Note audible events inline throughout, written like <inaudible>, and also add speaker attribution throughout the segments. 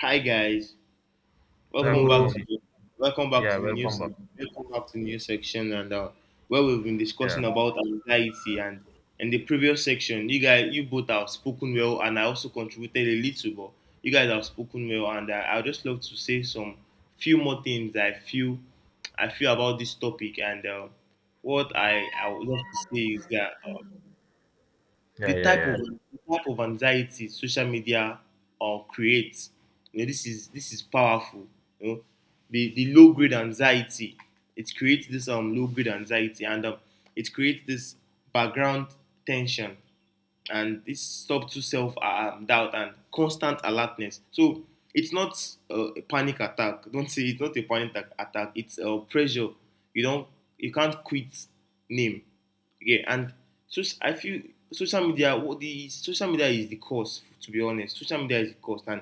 Speaker 1: Hi guys,
Speaker 2: Yeah,
Speaker 1: welcome
Speaker 2: good
Speaker 1: back
Speaker 3: Hello.
Speaker 1: to
Speaker 2: morning. Yeah,
Speaker 1: the
Speaker 2: welcome
Speaker 1: news,
Speaker 2: back.
Speaker 1: welcome back to the new section, and where we've been
Speaker 2: Yeah,
Speaker 1: discussing about anxiety. And in the previous section you both have spoken well and I also contributed a little, but you guys have spoken well and I just love to say some few more things I feel about this topic. And what I would love to say is that,
Speaker 2: yeah, yeah, yeah.
Speaker 1: the type of anxiety social media creates. This is powerful. You know, the low grade anxiety it creates, this low grade anxiety, and it creates this background tension and this subtle self doubt and constant alertness. So it's not a panic attack. Don't say it's not a panic attack. It's a pressure. You don't. You can't quit. Name. Okay. And so I feel social media. What, the social media is the cause. To be honest, social media is the cause, and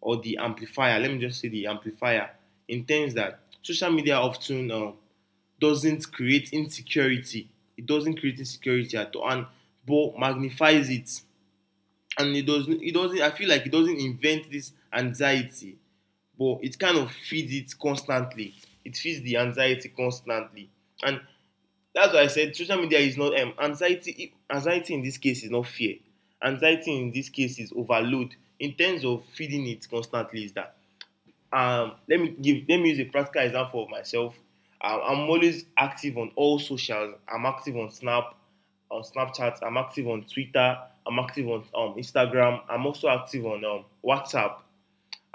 Speaker 1: or the amplifier. Let me just say the amplifier, in terms that social media often, doesn't create insecurity. It doesn't create insecurity at all, and but magnifies it. And it doesn't. It doesn't. I feel like it doesn't invent this anxiety, but it kind of feeds it constantly. It feeds the anxiety constantly, and that's why I said social media is not anxiety. Anxiety in this case is not fear. Anxiety in this case is overload. In terms of feeding it constantly, is that, let me use a practical example of myself. I'm always active on all socials. I'm active on Snap, on Snapchat. I'm active on Twitter. I'm active on Instagram. I'm also active on WhatsApp,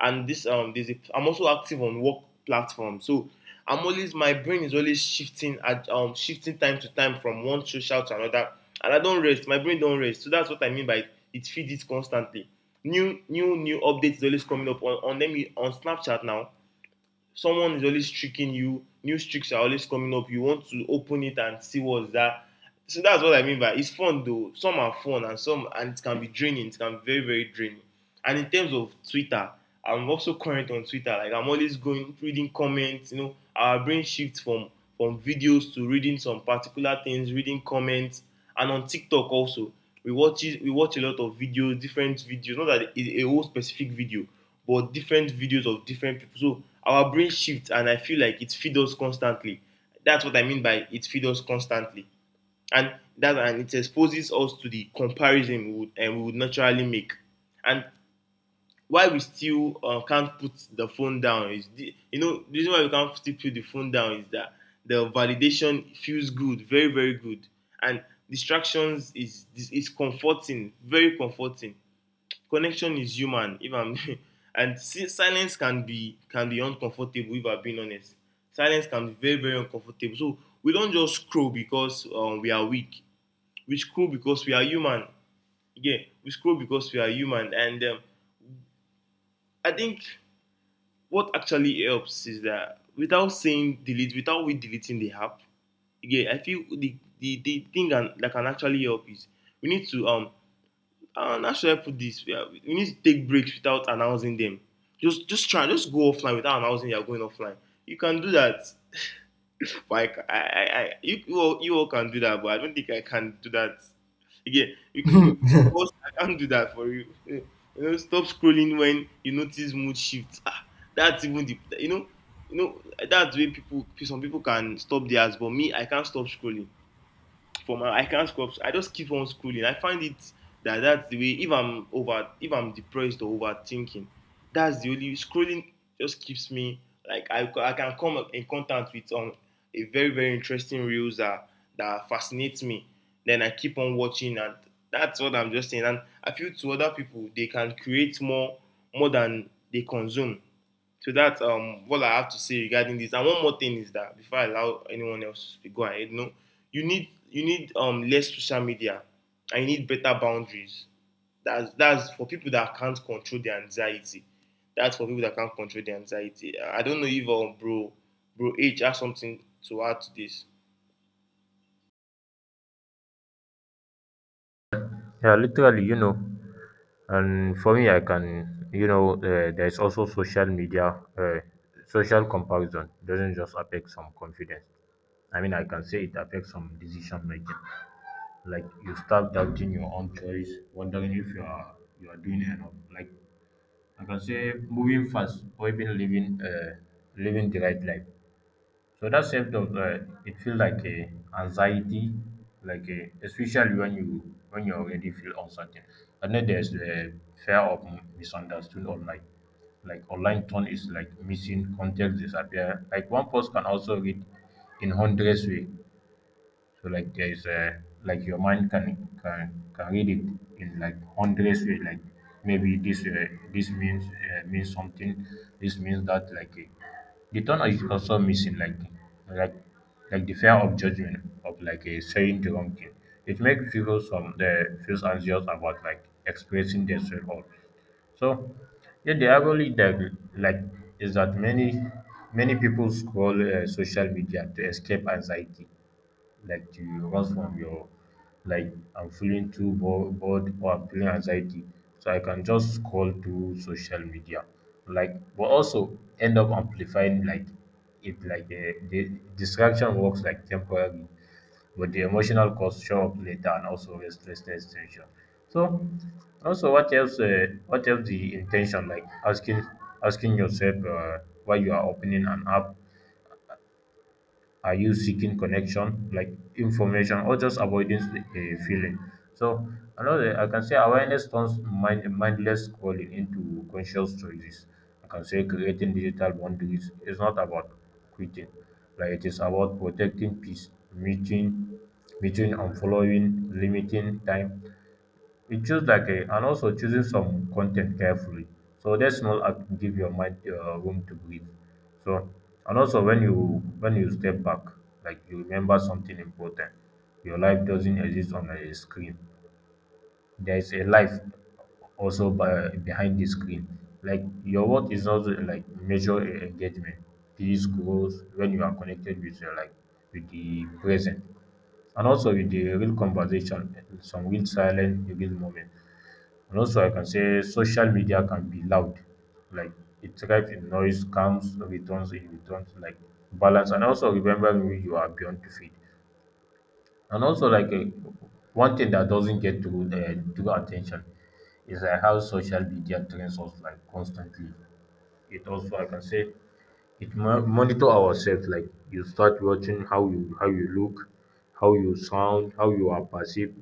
Speaker 1: and this there's a I'm also active on work platforms. So I'm always, my brain is always shifting time to time from one social to another, and I don't rest. My brain don't rest. So that's what I mean by it feeds it constantly. New updates is always coming up on them on Snapchat now. Someone is always tricking you. New tricks are always coming up. You want to open it and see what's that. So that's what I mean by it's fun though. Some are fun, and some, and it can be draining. It can be very very draining. And in terms of Twitter, I'm also current on Twitter. Like I'm always going reading comments. You know, our brain shifts from videos to reading some particular things, reading comments, and on TikTok also we watch a lot of videos, different videos. Not that it's a whole specific video, but different videos of different people. So our brain shifts, and I feel like it feeds us constantly. That's what I mean by it feeds us constantly, and that, and it exposes us to the comparison we would naturally make. And why we still can't put the phone down is the the reason why we can't still put the phone down is that the validation feels good, very very good, and distractions is comforting, very comforting. Connection is human if I'm <laughs> and silence can be uncomfortable, if I'm being honest. Silence can be very very uncomfortable. So we don't just scroll because we are weak. We scroll because we are human. Yeah, we scroll because we are human. And I think what actually helps is that, without saying delete, without we deleting the app, yeah, I feel the thing that can actually help is we need to and how should I put this? Yeah, we need to take breaks without announcing them. Just try, just go offline without announcing you're going offline. You can do that. Like I you all can do that, but I don't think I can do that. Again, we, boss, I can't do that for you. Eh, you know, stop scrolling when you notice mood shifts. Ah, that's even the, you know, you know, that's where people some people can stop theirs, but me, I can't stop scrolling for my. I can't scroll. I just keep on scrolling. I find it that that's the way. If I'm over, if I'm depressed or overthinking, that's the only scrolling just keeps me, like I can come in contact with a very very interesting reels that fascinates me. Then I keep on watching, and that's what I'm just saying. And I feel to other people they can create more, more than they consume. So that's what I have to say regarding this. And one more thing is that, before I allow anyone else to speak, go ahead. No, you need less social media, and you need better boundaries. That's for people that can't control their anxiety. That's for people that can't control their anxiety. I don't know if bro H has something to add to this.
Speaker 2: Yeah, literally, and for me, I can, there's also social media, social comparison doesn't just affect some confidence. I mean, I can say it affects some decision making. Like you start doubting your own choice, wondering if you are doing enough. Like I can say, moving fast or even living the right life. So that self doubt it feels like a anxiety, like a, especially when you already feel uncertain. And then there's the fear of misunderstood online. Like online tone is like missing context disappear. Like one post can also read in hundreds way. So like your mind can can read it in like hundreds way. Like maybe this means means something. This means that the tone is also missing. Like like the fear of judgment of saying the wrong thing. It makes people some the feels anxious about like expressing themselves. So yeah, the irony that like is that many people scroll social media to escape anxiety like to rest from your like I'm feeling too bored or I'm feeling anxiety. So I can just scroll through social media. Like but also end up amplifying like if like the distraction works like temporarily but the emotional cost show up later and also restlessness tension. So also what else the intention like asking yourself why you are opening an app, are you seeking connection like information or just avoiding a feeling. So another I can say awareness turns mind, mindless scrolling into conscious choices. I can say creating digital boundaries is not about quitting, like it is about protecting peace, meeting unfollowing, limiting time. It feels like a, and also choosing some content carefully. So that small act give your mind room to breathe. So and also when you step back, like you remember something important. Your life doesn't exist on a screen. There is a life also by, behind the screen. Like your work is also like measure engagement, peace, growth when you are connected with your like with the present and also with the real conversation, some real silent, real moment. And also, I can say social media can be loud, like it thrives in noise, comes, returns, it returns, like balance. And also, remember who you are beyond to feed. And also, one thing that doesn't get to true attention is how social media trains us like constantly. It also, I can say, it monitor ourselves like you start watching how you look, how you sound, how you are perceived.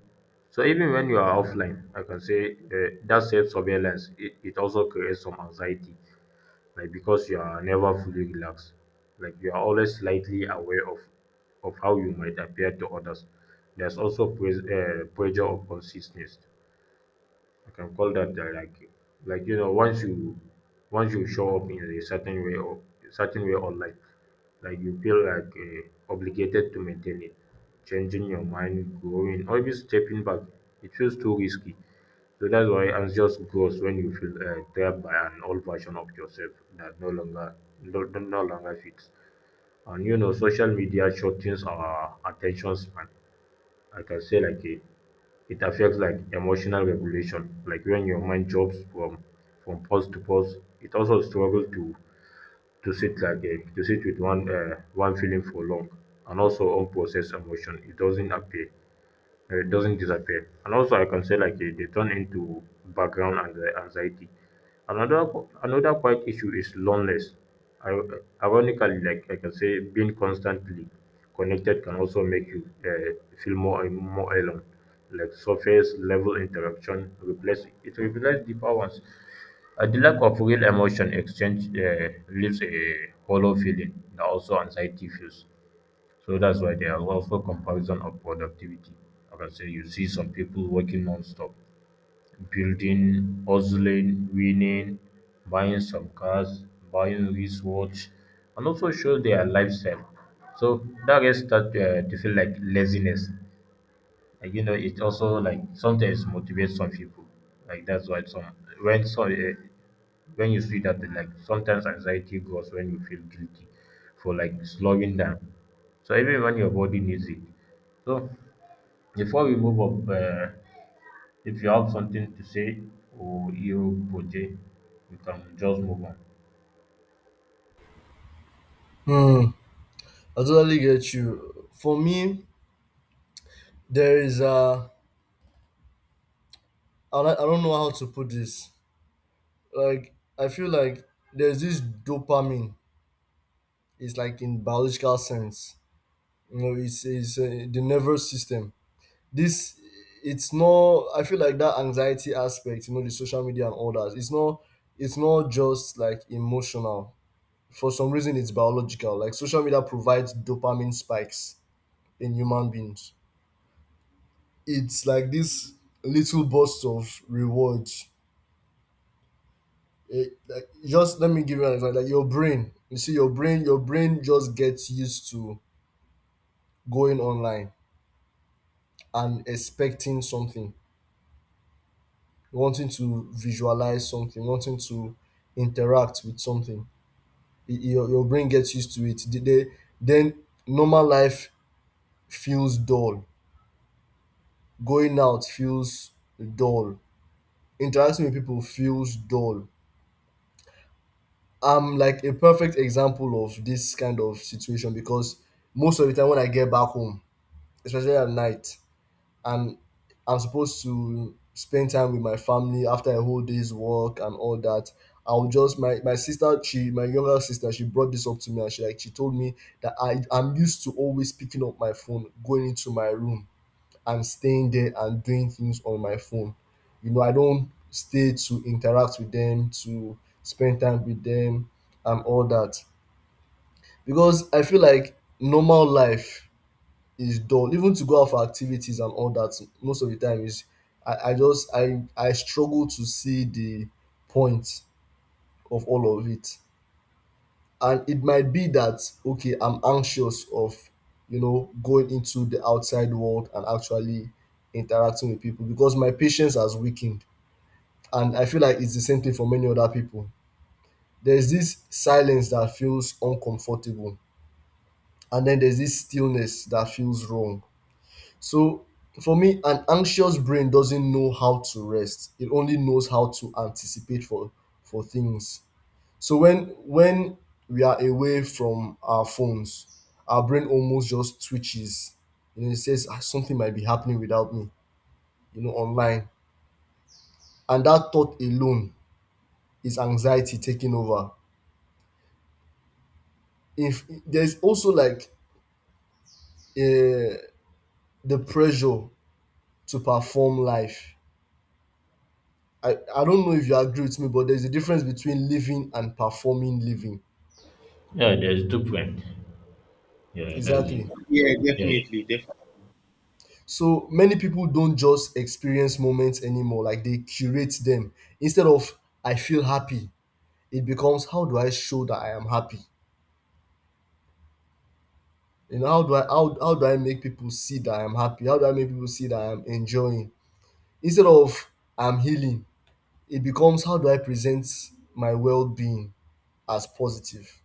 Speaker 2: So even when you are offline, I can say that self surveillance, it also creates some anxiety, like because you are never fully relaxed, like you are always slightly aware of how you might appear to others. There's also pressure of consistency. I can call that like like, once you show up in a certain way or certain way online, like you feel like obligated to maintain it, changing your mind, growing, or even stepping back. It feels too risky. So that's why angst just grows when you feel trapped by an old version of yourself that no longer no longer fits. And you know, social media shortens our attention span. I can say like it affects like emotional regulation, like when your mind jumps from pause to pause, it also struggles to sit like a, to sit with one feeling for long. And also unprocessed emotion it doesn't appear doesn't disappear. And also, I can say like they turn into background anxiety. Another another quite issue is loneliness. I, ironically, like I can say, being constantly connected can also make you feel more and more alone. Like surface level interaction replaces deeper ones. The lack of real emotion exchange leaves a hollow feeling that also anxiety feels. So that's why there are also comparison of productivity. Like I can say you see some people working non-stop, building, hustling, winning, buying some cars, buying wristwatch, and also show their lifestyle. So that gets start to feel like laziness like, you know, it also like sometimes motivates some people. Like that's why some when so uh, when you see that like sometimes anxiety grows when you feel guilty for like slowing down. So even when your body needs it. So before we move up, if you have something to say or you project, we can just move on.
Speaker 3: Hmm. I totally get you. For me, there is a. I don't know how to put this. Like I feel like there's this dopamine. It's like in biological sense. You know, it's the nervous system. This it's not. I feel like that anxiety aspect. You know, the social media and all that. It's not. It's not just like emotional. For some reason, it's biological. Like social media provides dopamine spikes in human beings. It's like this little burst of reward. It, like just let me give you an example. Like your brain, you see, your brain just gets used to going online and expecting something, wanting to visualize something, wanting to interact with something. Your brain gets used to it. Then normal life feels dull. Going out feels dull. Interacting with people feels dull. I'm like a perfect example of this kind of situation because most of the time when I get back home, especially at night, and I'm supposed to spend time with my family after a whole day's work and all that. I'll just my, my sister, she My younger sister, she brought this up to me, and she she told me that I'm used to always picking up my phone, going into my room and staying there and doing things on my phone. You know, I don't stay to interact with them, to spend time with them, and all that. Because I feel like normal life is dull. Even to go out for activities and all that, most of the time is I just I struggle to see the point of all of it. And it might be that, okay, I'm anxious of, you know, going into the outside world and actually interacting with people because my patience has weakened. And I feel like it's the same thing for many other people. There's this silence that feels uncomfortable, and then there's this stillness that feels wrong. So for me, an anxious brain doesn't know how to rest. It only knows how to anticipate for things. So when we are away from our phones, our brain almost just switches. You know, it says, "Ah, something might be happening without me. You know, online," and that thought alone is anxiety taking over. If there's also like uh, the pressure to perform life. I don't know if you agree with me, but there's a difference between living and performing living.
Speaker 2: Yeah, there's different. Yeah, that's it.
Speaker 3: Exactly.
Speaker 1: Yeah,
Speaker 2: Yeah, yeah,
Speaker 1: definitely, definitely.
Speaker 3: So many people don't just experience moments anymore, like they curate them. Instead of I feel happy, it becomes how do I show that I am happy? You know, how do I make people see that I am happy? How do I make people see that I am enjoying? Instead of I'm healing, it becomes how do I present my well-being as positive?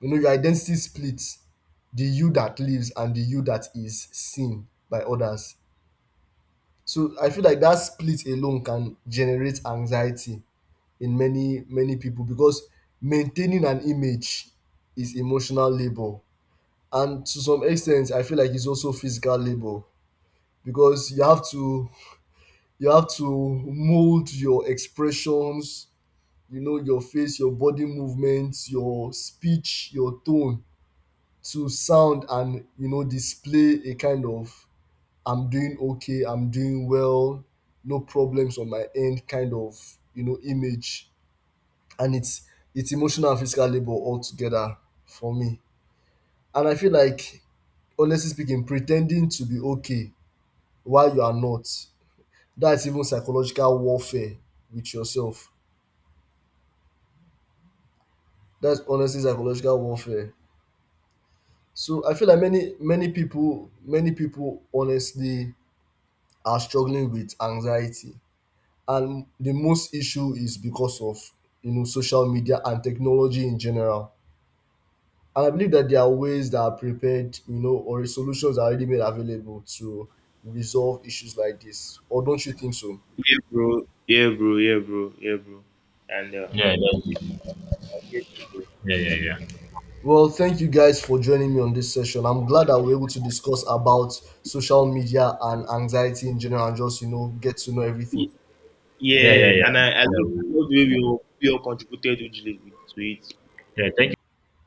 Speaker 3: You know, your identity splits the you that lives and the you that is seen by others. So I feel like that split alone can generate anxiety in many many people because maintaining an image is emotional labor. And to some extent, I feel like it's also physical labor because you have to mold your expressions, you know, your face, your body movements, your speech, your tone, to sound and, you know, display a kind of I'm doing okay, I'm doing well, no problems on my end kind of, you know, image. And it's emotional and physical labor all together for me. And I feel like, honestly speaking, pretending to be okay while you are not, that's even psychological warfare with yourself. That's honestly psychological warfare. So I feel like many people honestly are struggling with anxiety. And the most issue is because of, you know, social media and technology in general. And I believe that there are ways that are prepared, you know, or solutions are already made available to resolve issues like this. Or don't you think so?
Speaker 1: Yeah, bro. Yeah, bro. Yeah, bro. Yeah, bro. And
Speaker 2: yeah, that's it. Yeah, yeah, yeah,
Speaker 3: Well, thank you guys for joining me on this session. I'm glad that we're able to discuss about social media and anxiety in general and just, you know, get to know everything.
Speaker 2: yeah, yeah,
Speaker 1: Yeah,
Speaker 2: yeah.
Speaker 1: and I
Speaker 2: Yeah,
Speaker 1: love, I
Speaker 2: we,
Speaker 1: love the way we all contributed hugely to it.
Speaker 2: yeah. Thank